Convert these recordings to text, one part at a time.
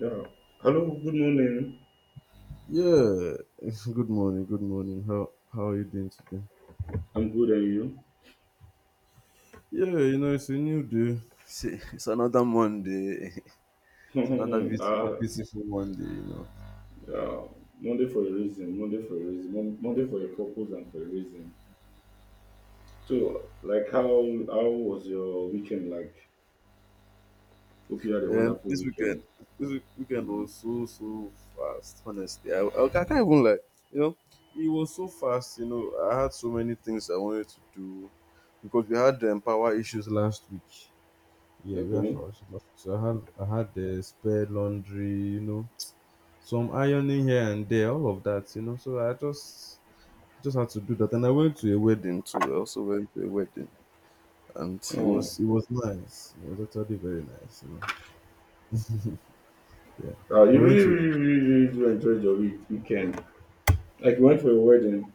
Yeah. Hello, good morning. Yeah. Good morning. Good morning. How are you doing today? I'm good, and Yeah, you know it's a new day. It's another Monday. It's another you? beauti- Ah, beautiful Monday. You know, yeah. Monday for a reason, Monday for a reason, Monday for a purpose and for a reason. So, how was your weekend like? Hope you had a and wonderful this weekend, weekend. this week- weekend Mm, was so so fast. Honestly, I can't even like you know it was so fast. You know, I had so many things I wanted to do because we had power issues last week. Yeah, we had Okay. power issues last week. So I had the spare laundry. You know, some ironing here and there, all of that. So I just had to do that. And I went to a wedding too. I also went to a wedding and it Oh. was it was nice. It was actually very nice. Yeah. I You went really, to really, really, really do enjoy your weekend. Like, you went for a wedding.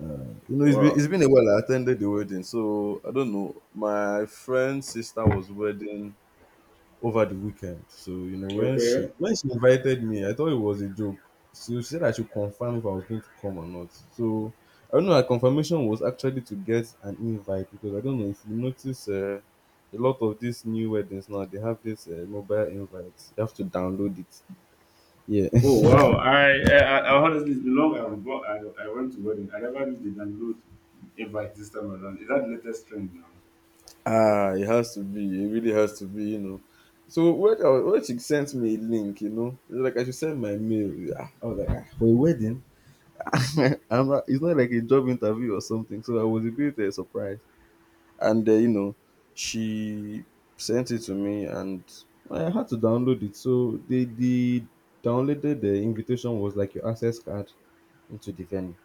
you know, it's been Wow. it's been a while I attended the wedding, so I don't know. My friend's sister was wedding over the weekend. So, when she Okay. when she invited me, I thought it was a joke. So she said I should confirm if I was going to come or not. So I don't know. Her confirmation was actually to get an invite because I don't know if you notice a lot of these new weddings now they have this mobile invite. You have to download it. Yeah. Oh wow! I honestly it's been long I went to wedding. I never did the download invite this time around. Is that the latest trend now? Ah, it has to be. It really has to be. So when, when she sent me a link, like I should send my mail. Yeah. I was like, ah, for a wedding? I'm not, it's not like a job interview or something. So I was a bit surprised. And she sent it to me and I had to download it. So the downloaded the invitation was like your access card into the venue.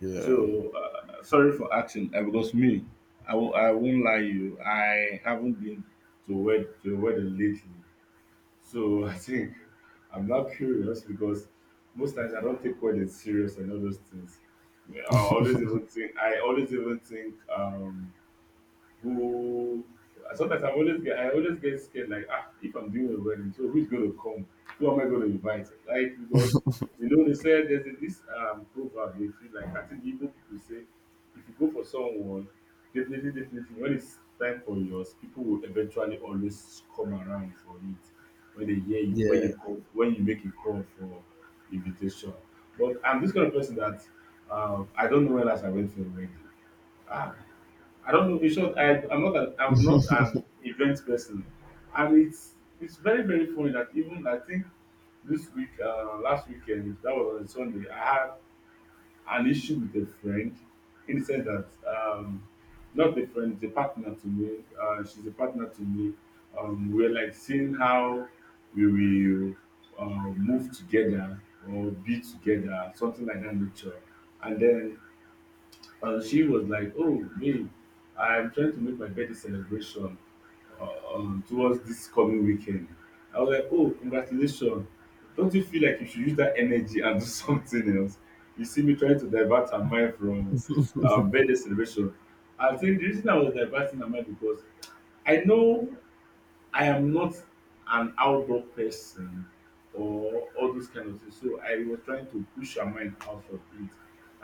Yeah. So sorry for asking because me, I won't lie you. I haven't been to wed to a wedding lately. So I think I'm not curious because most times I don't take weddings serious and all those things. I always even think who sometimes I always get scared like ah if I'm doing a wedding, so who's gonna come? Who am I gonna invite? Like because you know they said there's this proverb they feel like I think even people say if you go for someone, definitely when it's time for yours, people will eventually always come around for it when they hear you when Yeah. you call when you make a call for invitation. But I'm this kind of person that I don't know when last I went for a wedding. Ah, I don't know. In short, I'm not an event person, and it's very funny that even I think this week, last weekend, that was on Sunday, I had an issue with a friend in the sense that, not a friend, it's a partner to me. She's a partner to me. We're like seeing how we will uh, move together or be together, something like that nature. And then she was like, "Oh, me, I'm trying to make my birthday celebration towards this coming weekend." I was like, "Oh, congratulations! Don't you feel like you should use that energy and do something else?" You see me trying to divert her mind from birthday celebration. I think the reason I was diverting her mind because I know I am not an outdoor person or all those kind of things. So I was trying to push her mind out of it.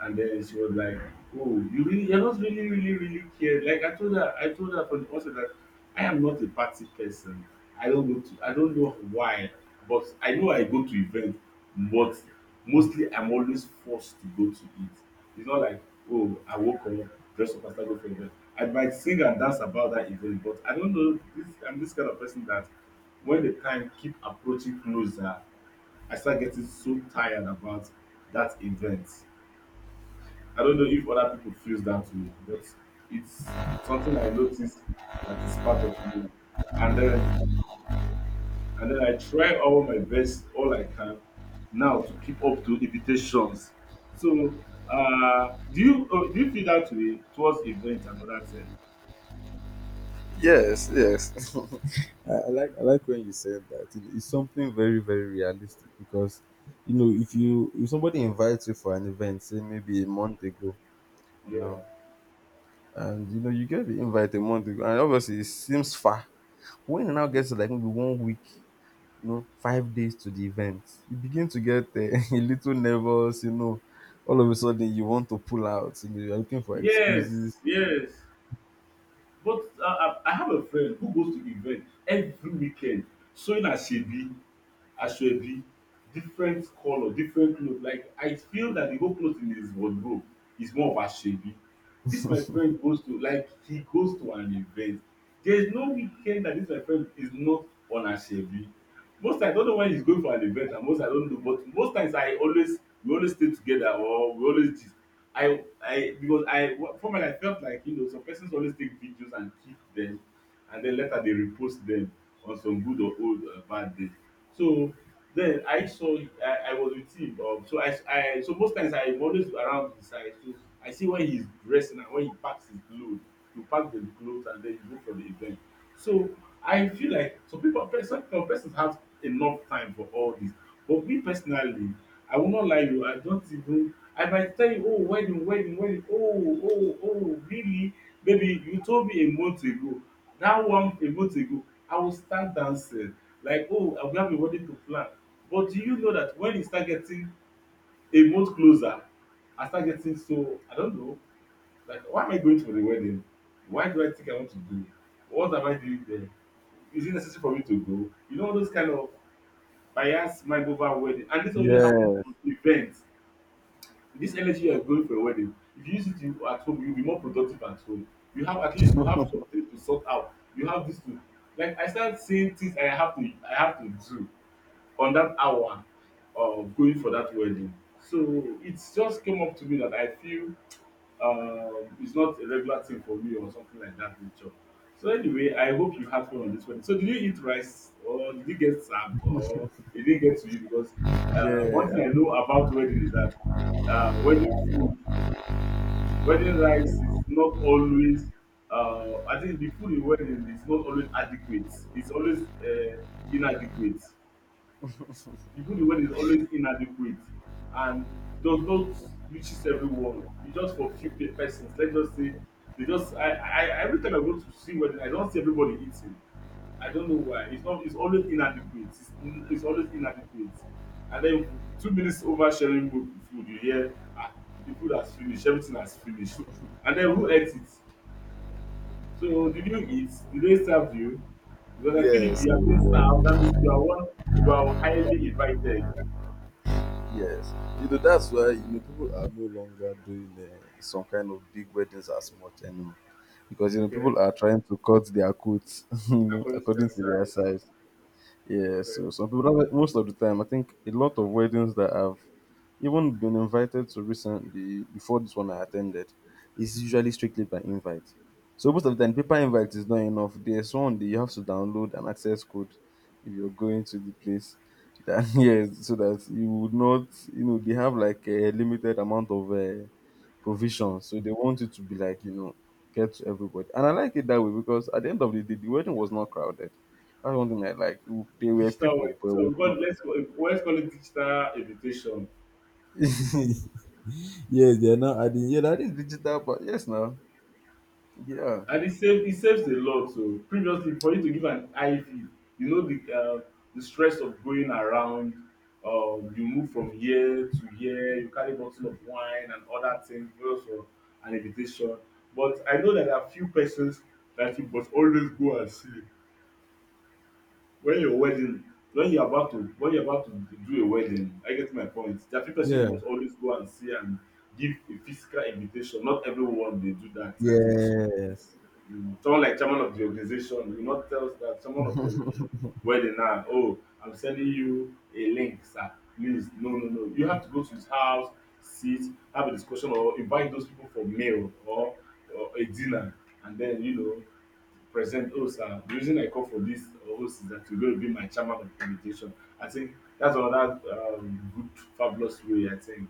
And then she was like, "Oh, you really you're not really, really, really care." Like I told her from the outset that I am not a party person. I don't know why, but I know I go to events. But mostly I'm always forced to go to it. It's not like, oh, I woke up, dress up and start go for event. I might sing and dance about that event, but I don't know. This I'm this kind of person that when the time keep approaching closer, I start getting so tired about that event. I don't know if other people feels that way, but it's something I noticed that is part of me. And then and then I try all my best, all I can now to keep up to invitations. So, do you feel that way towards events and other things? Yes, yes. I like when you said that. It's something very very realistic because if you if somebody invites you for an event, say maybe a month ago, you Yeah. know, and you get the invite a month ago, and obviously it seems far when it now gets to like maybe 1 week 5 days to the event, you begin to get a little nervous, all of a sudden you want to pull out, you're looking for excuses. Yes. Yes. But I have a friend who goes to event every weekend sewing aseebi asoebi different colour different cloth like I feel that the whole cloth in his wardrobe is more of asoebi. This my friend goes to like he goes to an event there is no weekend that this my friend is not on asoebi. Most times I don't know when he's going for an event and most I don't know but most times I always we always stay together or we always gist I because formerly I felt like you know some persons always take videos and keep them, and then later they repost them on some good or old bad day. So then I saw I was with him. So I so most times I'm always around his side. So I see when he's dressing and when he packs his load you pack the clothes and then you go for the event. So I feel like some people some persons have enough time for all this. But me personally, I will not lie you, I don't even I might tell you, oh wedding, wedding, wedding, oh, oh, oh, really? Baby, you told me a month ago. That one a month ago, I will start dancing. Like, oh, I will have a wedding to plan. But do you know that when you start getting a month closer, I start getting so I don't know. Like, why am I going for the wedding? Why do I think I want to go? What am I doing there? Is it necessary for me to go? You know, those kind of bias mind over wedding. And this only happens Yeah, on events. This energy you are going for a wedding, if you use it at home, you'll be more productive at home. You have at least you have something to sort out. You have this to like I start seeing things I have to do on that hour of going for that wedding. So it just came up to me that I feel it's not a regular thing for me or something like that nature. So anyway, I hope you had fun on this one. So did you eat rice or did you get served or it didn't get to you? Because yeah. one thing I know about wedding is that wedding food, wedding rice is not always. I think the food in wedding is not always adequate. It's always inadequate. Even the food you want is always inadequate and does not reaches everyone. It's just for few pe persons, let's just say they just I every time I go to see wedding I don't see everybody eating I don't know why it's not it's always inadequate and then 2 minutes over sharing food you hear ah the food has finished everything has finished and then who ate it so did you eat did they serve you because I feel if Yes, you have been served that means you are highly invited. yes. You know, that's why you know people are no longer doing some kind of big weddings as much anymore, because you know Okay, people are trying to cut their coats according to their according to their size. size. Yeah, Okay, so some people, that's why most of the time, I think a lot of weddings that I've even been invited to recently, before this one I attended, is usually strictly by invite. So most of the time, paper invite is not enough. There's one that you have to download an access code if you're going to the place. That yes, so that you would not, they have like a limited amount of provision. So they want it to be like, get to everybody. And I like it that way because at the end of the day, the wedding was not crowded. That's one thing I like. There were digital way. people, but it So was we call not. Let's call it digital invitation, Yes, they're not adding. Yeah, that this digital but yes, now. Yeah. and it saves a lot. So previously, for you to give an IV, you know the stress of going around. You move from here to here. You carry bottle of wine and other things just for an invitation. But I know that there are few persons that you must always go and see. When your wedding when you're about to do a wedding, I get my point. There are few person Yeah. you must always go and see and give a physical invitation. Not everyone they do that. I think so. Yes. You, someone like chairman of the organization will not tell us that someone of your wedding now, oh, I'm sending you a link, sir. Please, no, no, no. You have to go to his house, sit, have a discussion, or invite those people for meal or a dinner, and then you know present host and the reason I call for this host is that you're going to be my chairman of the invitation. I think that's another good, fabulous way. I think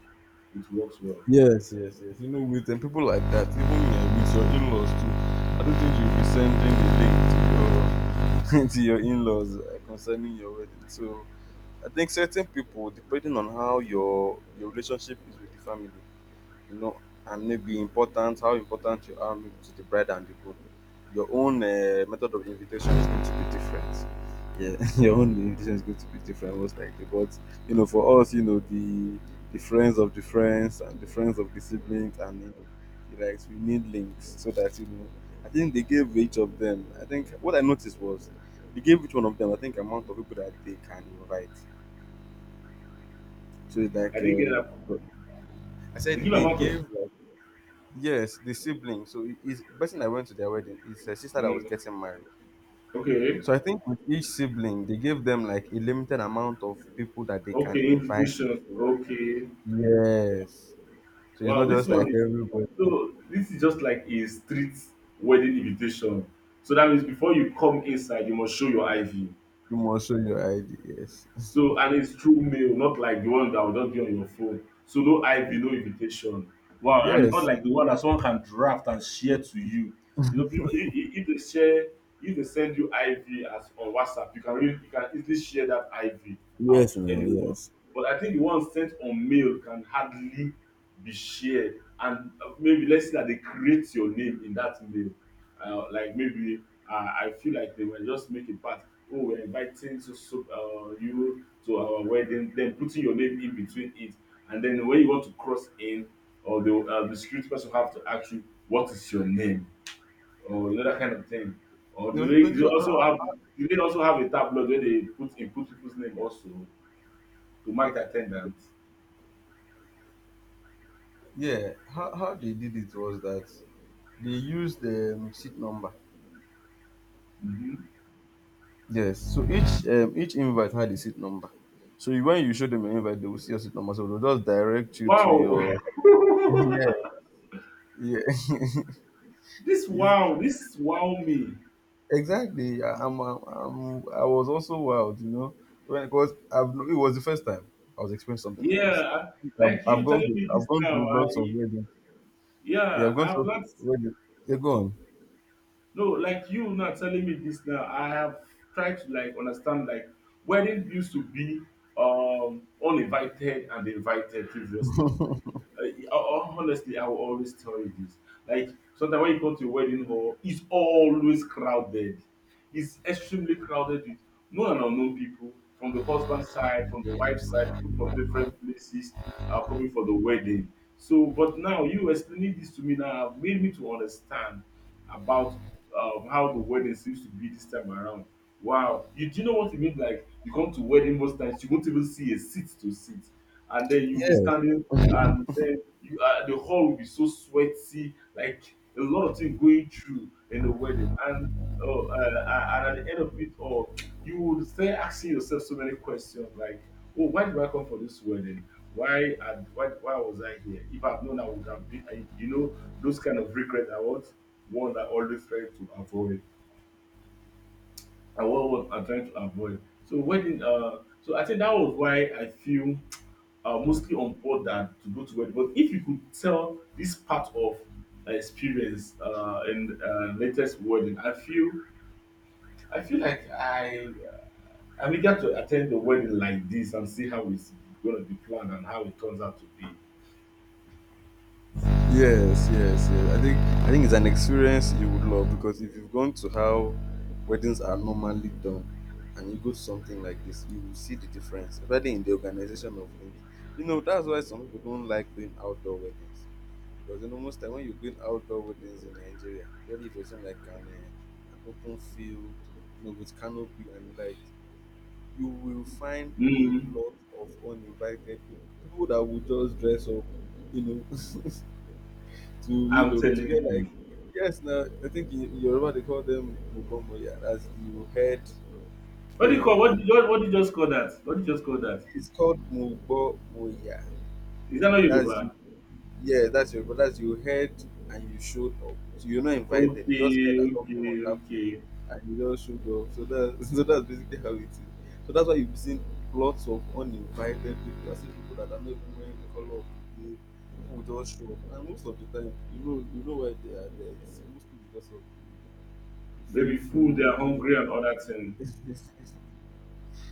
it works well. Yes, yes, yes. You know, with people like that, even with your in-laws too, I don't think you'll be sending the link to your to your in-laws concerning your wedding. So I think certain people, depending on how your relationship is with the family, you know, and maybe important. How important you are maybe to the bride and the groom. Your own method of invitation is going to be different. Yeah, your own invitation is going to be different, most likely. But for us, the friends of the friends and the friends of the siblings, and the likes, we need links so that. I think they gave each of them. I think what I noticed was they gave each one of them. I think amount of people that they can invite. So it's I like didn't get that. I said, You give they amount of gave yes, the sibling. So it is the person I went to their wedding is a sister that was mm, getting married. okay, So I think with each sibling, they gave them like a limited amount of people that they can okay, invite to Institutions. the wedding. Okay. Yes. So it's not Wow, this just like one is everybody. You so. This is just like a street wedding invitation. So that means before you come inside, you must show your IV. must show your ID. Yes. So and it's through mail, not like the one that will just be on your phone. So no IV, no invitation. Wow, and it's not Yes. like the one that someone can draft and share to you. You know, people if they share, if they send you IV as on WhatsApp, you can really, you can easily share that IV out Yes, to no, anyone. yes. But I think the one sent on mail can hardly be shared, and maybe let's say that they create your name in that mail like maybe I feel like they were just making part. Oh, we're inviting so, so you to our wedding, then putting your name in between it, and then when you want to cross in, or the security person have to ask you what is your name, or you know that kind of thing. Or You do know, they, don't do they you- also ah, have a tablet where they put input people's name also to mark the attendance? yeah. How they did it was that they used the seat number. Hmm. Yes. So each invite had a seat number. So you, when you show them your invite, they will see your seat number. So they'll just direct you to Wow, your yeah, yeah. this It's- wow, this wow me. exactly. I, I'm- I was also wild, when because I've no- it was the first time I was experiencing something like this. Yeah, like you telling me I've this gone to now. lots of I, weddings. Yeah, I've yeah, gone to I've lots of not. weddings. Yeah, go No, like you not telling me this now. I have tried to like understand like wedding used to be uninvited and invited previously. Honestly, I will always tell you this. Like sometimes when you go to a wedding hall, it's always crowded. It's extremely crowded with known and unknown people from the husband's side, from the wife's side, people from different places are coming for the wedding. So, but now you explaining this to me now have made me to understand about how the wedding seems to be this time around. Wow, you do you know what it means? Like you come to wedding most times, you won't even see a seat to sit, and then you'll be on. standing, and then you the hall will be so sweaty, like a lot of things going through in the wedding, and and at the end of it all you would start asking yourself so many questions like, oh, why did I come for this wedding, why was I here? If I've known, I would have been I. Those kind of regrets are what one that always try to avoid, and what I'm trying to avoid. So wedding, so I think that was why I feel mostly on board than to go to wedding. But if you could tell this part of experience in latest wedding, I feel I feel like I I'm eager to attend the wedding like this and see how it's going to be planned and how it turns out to be. Yes, yes, yes. I think it's an experience you would love because if you've gone to how weddings are normally done and you go to something like this, you will see the difference, especially in the organization of things. You know, that's why some people don't like doing outdoor weddings. Because most time when you're doing outdoor weddings in Nigeria, especially if you're saying like an open field, with canopy and like you will find a Mm, lot of uninvited people that will just dress up, you know. to you I'm know to get telling like, you. yes, now I think in Yoruba they call them Mugbomoya. That's you head, What do yeah, you call what? and What do you just call that? What did you just call that? it's called Mugbomoya. Is that not That's you Yoruba? yeah That's you head and you showed up. So you're not invited. You Okay, just heard that something okay, was happening okay. and you just showed up. So that so that's basically how it is. So that's why you've seen lots of uninvited people. You are seeing people that are not even wearing the color of the day. People will just show up and most of the time you know why they are there. It's mostly because of free Maybe food, they are food. hungry and other thing.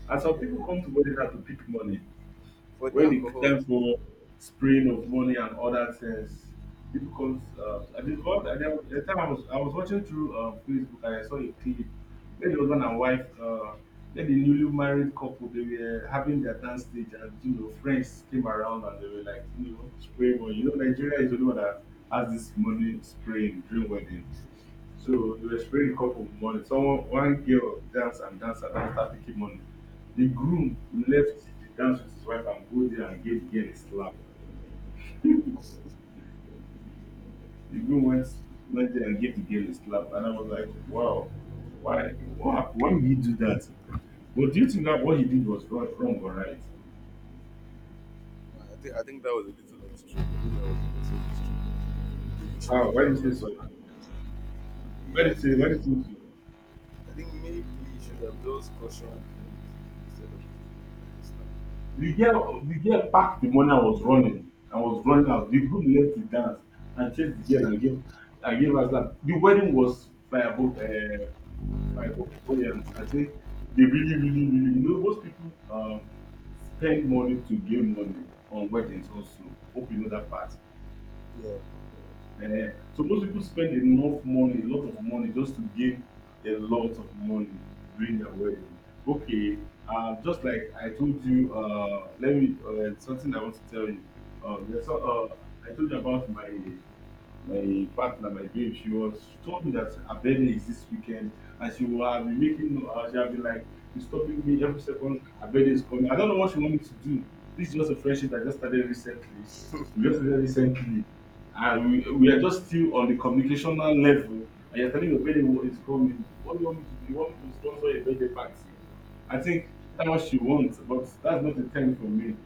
And some people Yeah, come to wedding hard to pick money. for the When it alcohol. time for spraying of money and other things, people comes. I did what I did, the time I was watching through Facebook and I saw a clip where the husband and wife, where the newly married couple, they were having their dance stage, and friends came around, and they were like, spraying money. You know, Nigeria is the only one that has this money spraying during wedding. So they were spraying a cup of money. Someone, one girl dance and dance and dance, start picking money. The groom left the dance with his wife and go there and gave the girl a slap. Nah, The groom went there and gave the girl a slap, and I was like, wow, why, what, why would he do that? But do you think that what he did was wrong, wrong or right? I think that was a little extreme. I think that was a little extreme. You Ah, shouldn't why do you have, say like, so? Why do Yeah, I you say? Why think do you think so? I think maybe you should have just cautioned the instead of doing nice stuff. The girl packed the money and was running, out. The groom left the dance and chased the girl, and gave her slap. The wedding was firebolt flamboyant, I say. They really really really really, most people spend money to gain money on weddings also. Hope you know that part. Yeah. Eh, so most people spend enough money, a lot of money, just to gain a lot of money during their wedding. Okay, just like I told you, let me something I want to tell you. I told you about my partner, my babe. She told me that her birthday is this weekend, and she have been like disturbing me every second. Her birthday is coming. I don't know what she want me to do. This is just a friendship that just started recently. We just started recently, and we are just still on the communicational level. And you're telling me your birthday is coming. What do you want me to do? You want me to sponsor a birthday party? I think that's what she wants, but that's not the time for me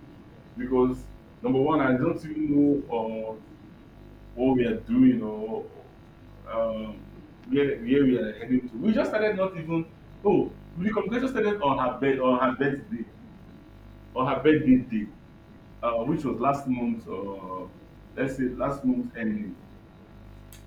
because number one, I don't even know what we are doing or um, where we are heading to. We just started not even, oh, the conversation started on her birthday day, which was last month, let's say last month ending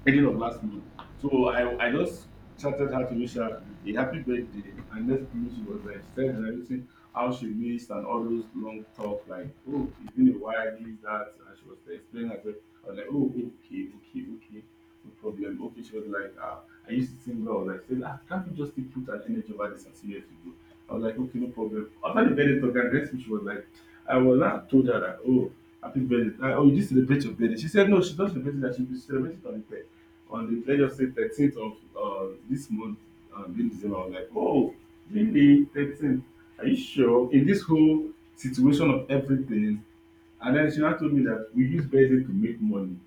ending of last month. So I just chatted her to wish her a happy birthday. And next thing she said everything, how she missed and all those long talk, like, oh, it's been a while, this, that. And she was explaining herself. I was like, oh, okay, okay, okay, no problem. Okay, she was like, I used to think, I was like, saying, can't you just still put an energy over this and see what to do? I was like, okay, no problem. After the very talk, and next thing she was like, I was not told her that, oh, happy birthday. Oh, you did celebrate your birthday. She said, no, she's not celebrating that. She'll be celebrating on the, let's just say 13th of this month, in December. I was like, oh, really? 13th? Are you sure? In this whole situation of everything. And then she now told me that we use birthday to make money.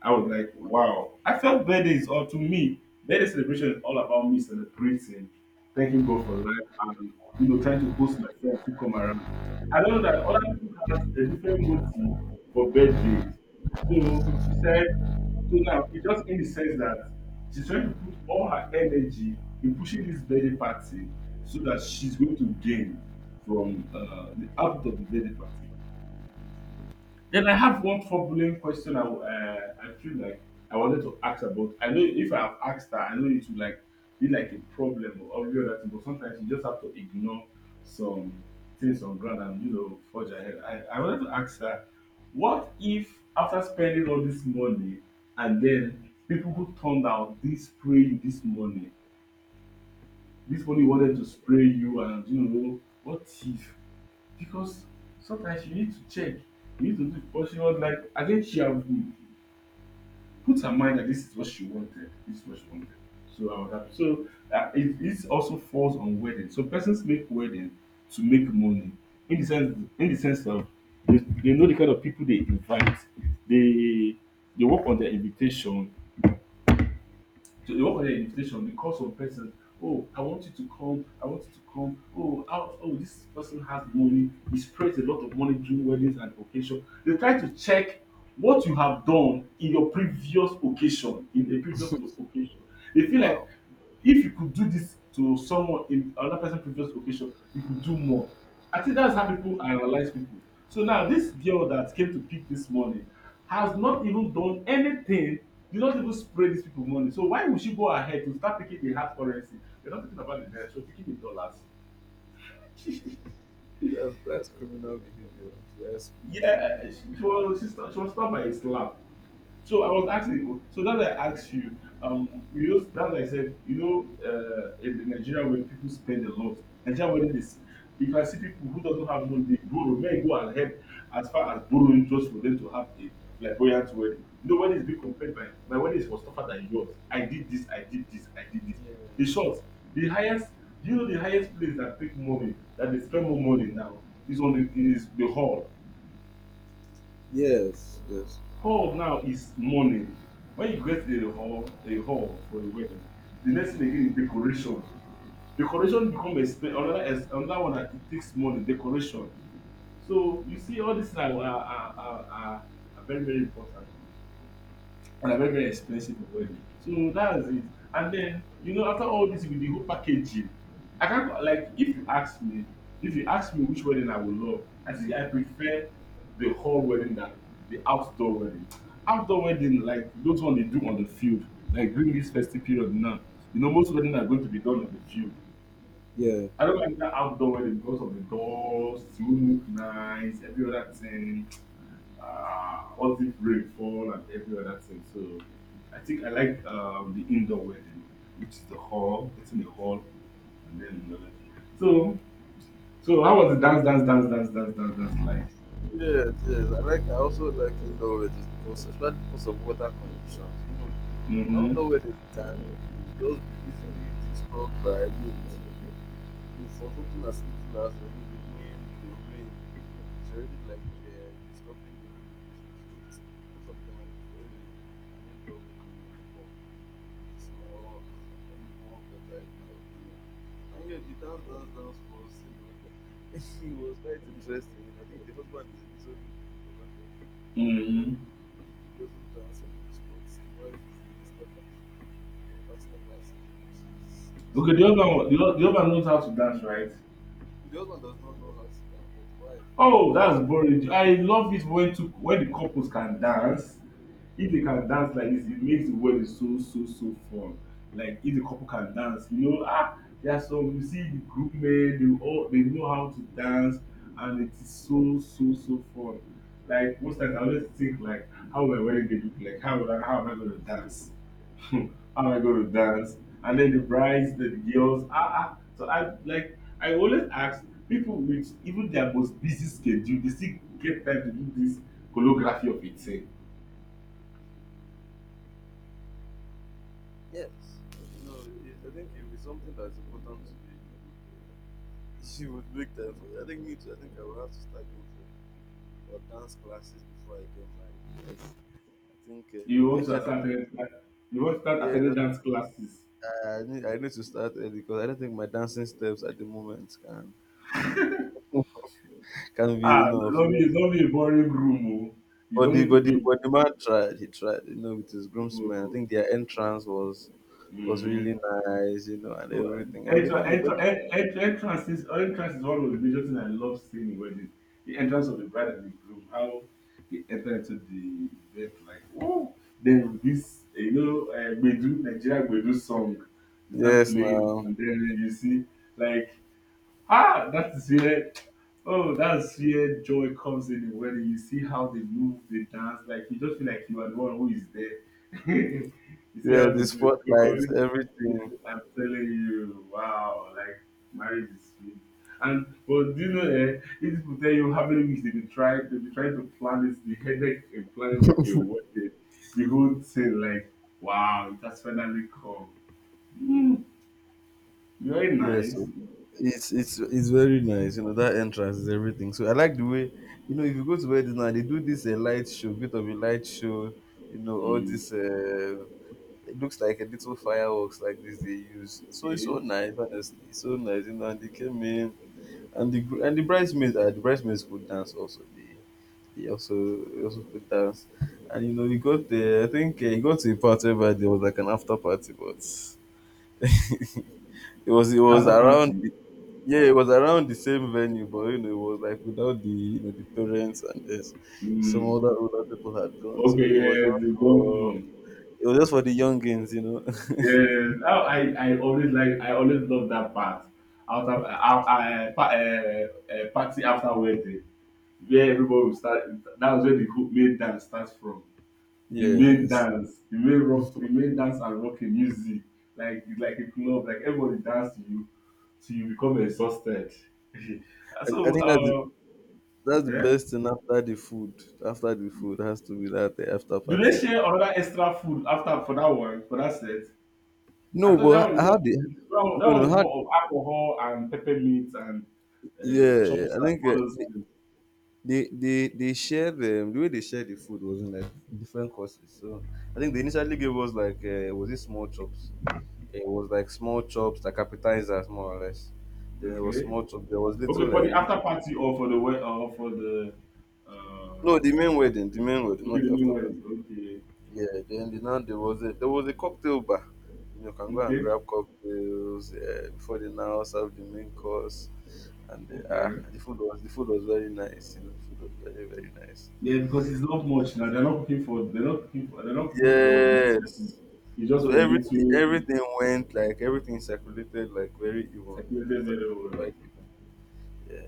I was like, wow. I felt birthdays, or to me, birthday celebration is all about me celebrating, thanking God for life, and trying to host my friends who come around. I don't know that other people have a different motive for birthdays. So she said, so now it's just in the sense that she's trying to put all her energy in pushing this birthday party so that she's going to gain from the output of the birthday party. Then I have one troubling question I feel like I wanted to ask about. I know if I have asked her, I know it would like be like a problem or every that thing, but sometimes you just have to ignore some things on ground, and forge ahead. I wanted to ask her, what if after spending all this money, and then people who turned out they spray you this money Hmm. wanted to spray you, and what if, because sometimes you need to check, you need to do. But she was like, I think she have put her mind that this is what she wanted, this is what she wanted. So I was happy. So it also falls on wedding, so persons make wedding to make money, in the sense, of, they know the kind of people they invite, they they work on their invitation, so they work on their invitation. Because some person, oh, I want you to come, I want you to come, oh, oh, this person has money, he spreads a lot of money during weddings and occasion. They try to check what you have done in your previous occasion, in a previous occasion. They feel Wow. like if you could do this to someone in another person's previous occasion, you could do more. I think that's how people analyze people. So now this girl that came to pick this money has not even done anything. Did not even spray these people money. So why would she go ahead to start picking the hard currency? You're not talking about the naira, so picking the dollars. That's criminal behavior. Yes. Yeah, she was stopped by a slap. So I was asking, so that's why I asked you, that's I said, in Nigeria when people spend a lot, Nigeria when this, you can see people who doesn't have money, they borrow, may go and help as far as borrowing just for them to have a flamboyant wedding. You know, wedding is being compared by, my wedding is was tougher than yours. I did this, I did this, I did this. In Yes. short, the highest, do you know the highest place that take money, that they spend more money now, is the hall. Yes. Yes. Hall now is money. When you get a hall for a wedding, the next thing again is decoration. Decoration become another one that it takes money. Decoration. So you see, all these are very very important and are very very expensive in wedding, so that's it. And then, after all this with the whole packaging, I can not like, if you ask me which wedding I would love, I think I prefer the hall wedding than the outdoor wedding. Outdoor wedding, like those one they do on the field, like during this festive period now, most weddings are going to be done on the field. Yeah. I don't like that outdoor wedding because of the dust, won't look nice, every other thing, all this rainfall and every other thing. So I think I like the indoor wedding, which is the hall, getting the hall, and then you know that. So so how was the dance like? Yes, yes. I also like indoor weddings because, especially because of water conditions. You know, an Mm-hmm. outdoor wedding can just be easily disturbed by wind. You know, for something as little as maybe the wind or rain, it's already like disturbing the whole location. Most of the time, I prefer an indoor wedding in the hall. It's more, it's more better in my opinion. And yeah, the dance, dance, dance was, he was quite interesting. I think the husband is a little bit introverted. Yeah, Mm-hmm. he doesn't dance much, but the wife is a stepper, proper stepper, so she's doing so Okay, the other much. one, the other one knows how to dance, right? The husband does not know how to dance, but the wife Oh, knows how to that's boring. dance. I love it when the couples can dance. If they can dance like this, it makes the wedding so so so fun. Like if the couple can dance, ah, there are some, you see the group men, they know how to dance, and it is so so so fun. Like most times I always think, like, how my wedding day look like, how am I gonna dance? How am I gonna dance? And then the brides, the girls, ah, ah. So I always ask people with even their most busy schedule, they still get time to do this choreography of it. Say, Yes, you know, I think if it's something that's important to you, you would, uh, you make time for it. I think me too. I think I will have to start going for dance classes before I get married. Yes, I think you want to I start don't. attending, you want to start Yeah, attending dance classes. I need to start early because I don't think my dancing steps at the moment can't be Ah, enough. Yes. don't be a boring room. Oh. You But don't the need to but the be. but the man tried. He tried, with his Oh, groomsmen. I oh, think their entrance was oh. was Mm. really nice, and No, everything. And entrance, even me, entrance, entrance is one of the major things I love seeing in wedding. The entrance of the bride and the groom, how they enter into the event, like, oh, then this Bedu Nigeria Bedu song, they start yes, playing, now, and then you see, like, ah, that's where joy comes in the wedding. You see how they move, they dance, like you just feel like you are the one who is there. You see yeah, how the they do it. Spotlights, Yes, everything. I'm telling you, wow, like, marriage is sweet. And but do you know, these people tell you how many weeks they've been trying to plan this, the headache in planning a wedding, the whole thing, like, wow, it has finally come. Mm, very Yes, nice. so it's very nice. That entrance is everything. So I like the way, if you go to weddings now, they do this a light show, bit of a light show, all Mm, this. It looks like a little fireworks like this they use. So it's okay. so nice, honestly. It's so nice. And they came in and and the bridesmaids could dance also they also they also could dance. And you know we got the, I think he got to a part where there was like an after party but it it was After around party. Yeah it was around the same venue but you know it was like without the, you know, the parents and this, some Mm, other older people had gone so okay, yes, the governor. it was just for the youngins, you know. Yes, how I always love that part. After party after wedding, where everybody will start. That was where the whole main dance starts from. The main Yes, dance, the main rock, the main dance and rocking music. Like it's like a club. Like everybody dance to you, till you become exhausted. I So, think that's the yeah. best thing after the food has to be that the after Do they party. share another extra food after for that one for that set? I No, thought that but one is how that did? one, that No one no is how more of alcohol and pepper meat and Yeah, yeah, chops I and think all those things. They shared the way they shared the food was in like different courses. So I think they initially gave us like, was it small chops? It was like small chops, like appetizers more or less. There was Okay. small chops. There was little Okay, for the after little— party or for the way or for the, No, uh, the main wedding, okay, not the the new after party. wedding. Okay. Yeah, then there was a cocktail bar. You can go and Okay. grab cocktails before they now serve the main course, and Okay. the food was, very nice. You know, the food was very, very nice. Yeah, because it's not much now. They're not cooking for they're not cooking for they're not cooking for much people. Yes. It's just So for little everything went like, everything circulated like very evenly. circulated It very circulated well. quite evenly. Yeah.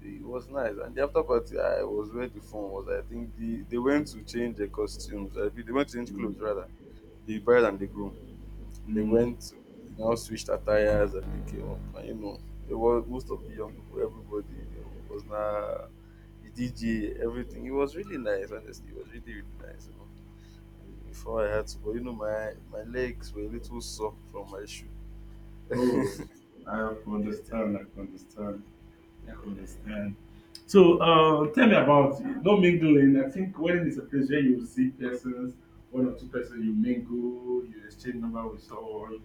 So it was nice. And the after party I was where the fun was. I think they went to change their costumes. I mean, they went to change clothes Mm. rather. The bride and the groom. They Mm. went, you know, switched attires and they came up. And you know, it was most of the young people, everybody, you know, was now the DJ, everything. It was really nice, honestly. It was really, really nice, you know. And before I had to, but you know, my legs were a little sore from my shoe. yeah, Oh, I can yeah, understand, I can understand. Yeah, I yeah. understand. So, tell me about no mingling. I think wedding is a place where you see persons, one or two persons, you mingle, you exchange number with someone.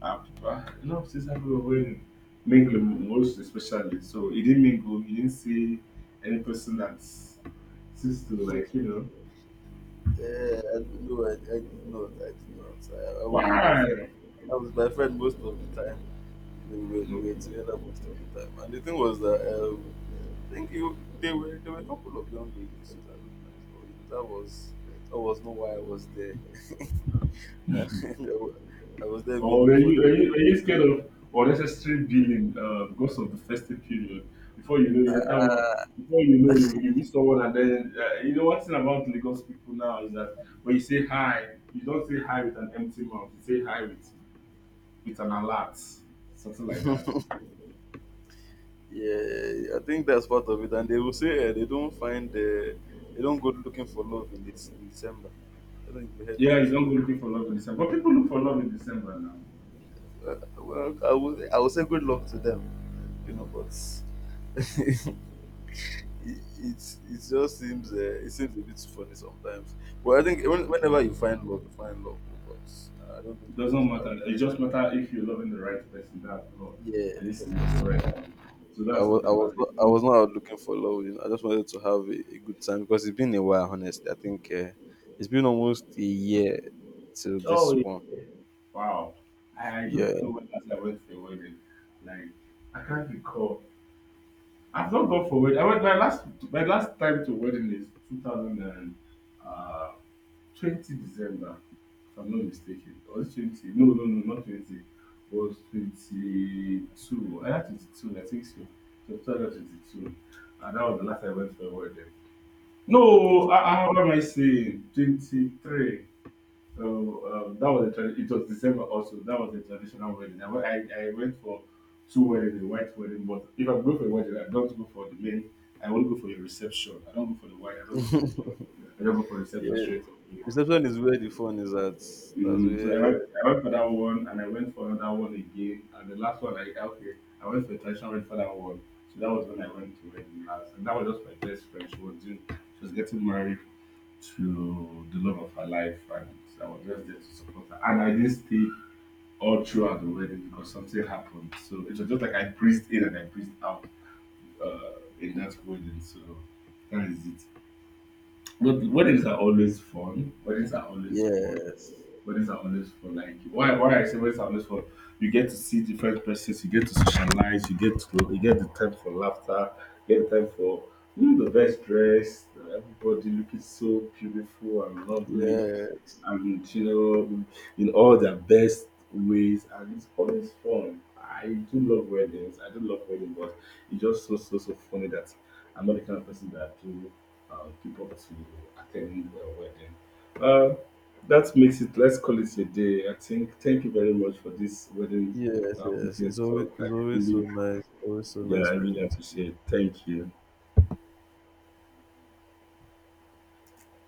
People, ah, a lot of things happen when wedding, mingling most especially. So you didn't mingle, you didn't see any person that seems to, like, you know Yeah, I don't know. I did not. I did not. I was with my why. friend. I was with my friend most of the time. We were Okay. together most of the time. And the thing was that I think you, they were there were a couple of young ladies who that looked nice, but you know, that was not why I was there. I was there Or mainly are for the you, are you, are you scared of unnecessary billing, because of the festive period? Before you know, you enter one. Before you know, you meet someone, and then you know one thing about Lagos people now is that when you say hi, you don't say hi with an empty mouth. You say hi with an alert, something like that. food. Yeah, I think that's part of it. And they will say they don't go looking for love in this in December. I don't think we heard Yeah, it you don't go before. looking for love in December, but people look for love in December now. Uh, well, I would say good luck to them, you know. But it just seems it seems a bit funny sometimes. But I think whenever you find love, you find love. Because I don't think It I was doesn't out matter. there. It just matter if you're loving the right person. That's all, and if Yes, you're loving right yes. people. So that's what I'm about. I was not out looking for love. You know, I just wanted to have a good time because it's been a while. Honestly, I think it's been almost a year till this Oh, one. wow. I Yeah, don't know when last I went for a wedding. Like, I can't recall. I've not gone for wedding. I went, my last time to wedding is 2000 and uh 20 December, if I'm not mistaken. Or is it 20? No, no, no, not 20. It was 22. I had 22, I think so. So 2022. And that was the last I went for a wedding. No, what am I saying? 23. Oh, that was it was December also. That was a traditional wedding. I went for two weddings, a white wedding. But if I go for a wedding, I don't go for the main. I won't go for your reception. I don't go for the white. I don't go for the. I don't go for reception yeah. straight away. Reception is where the phone is at. That's Mm. So where. I went for that one, and I went for another one again, and the last one I okay, I went for a traditional wedding for that one. So that was when I went to wedding last, and that was just my best friend. She was getting married to the love of her life, and I was just there to support her. And I didn't stay all throughout the wedding because something happened. So it was just like I breathed in and I breathed out uh, in that wedding. So that is it. But weddings are always fun. Weddings are always fun. Yes, Weddings are always fun. Like, why I say weddings are always fun. You get to see different persons. You get to socialize. You get the time for laughter. You get time for the best dress. Everybody looking so beautiful and lovely, yes. and in all their best ways. And it's always fun. I do love weddings. I do love weddings, but it's just so so so funny that I'm not the kind of person that do people to attend the wedding. Uh, that makes it, let's call it a day. I think, thank you very much for this wedding Yes, yes. weekend It's always, talk. I so really, nice. Always so yeah, nice I really speaking to you. appreciate it. Thank you.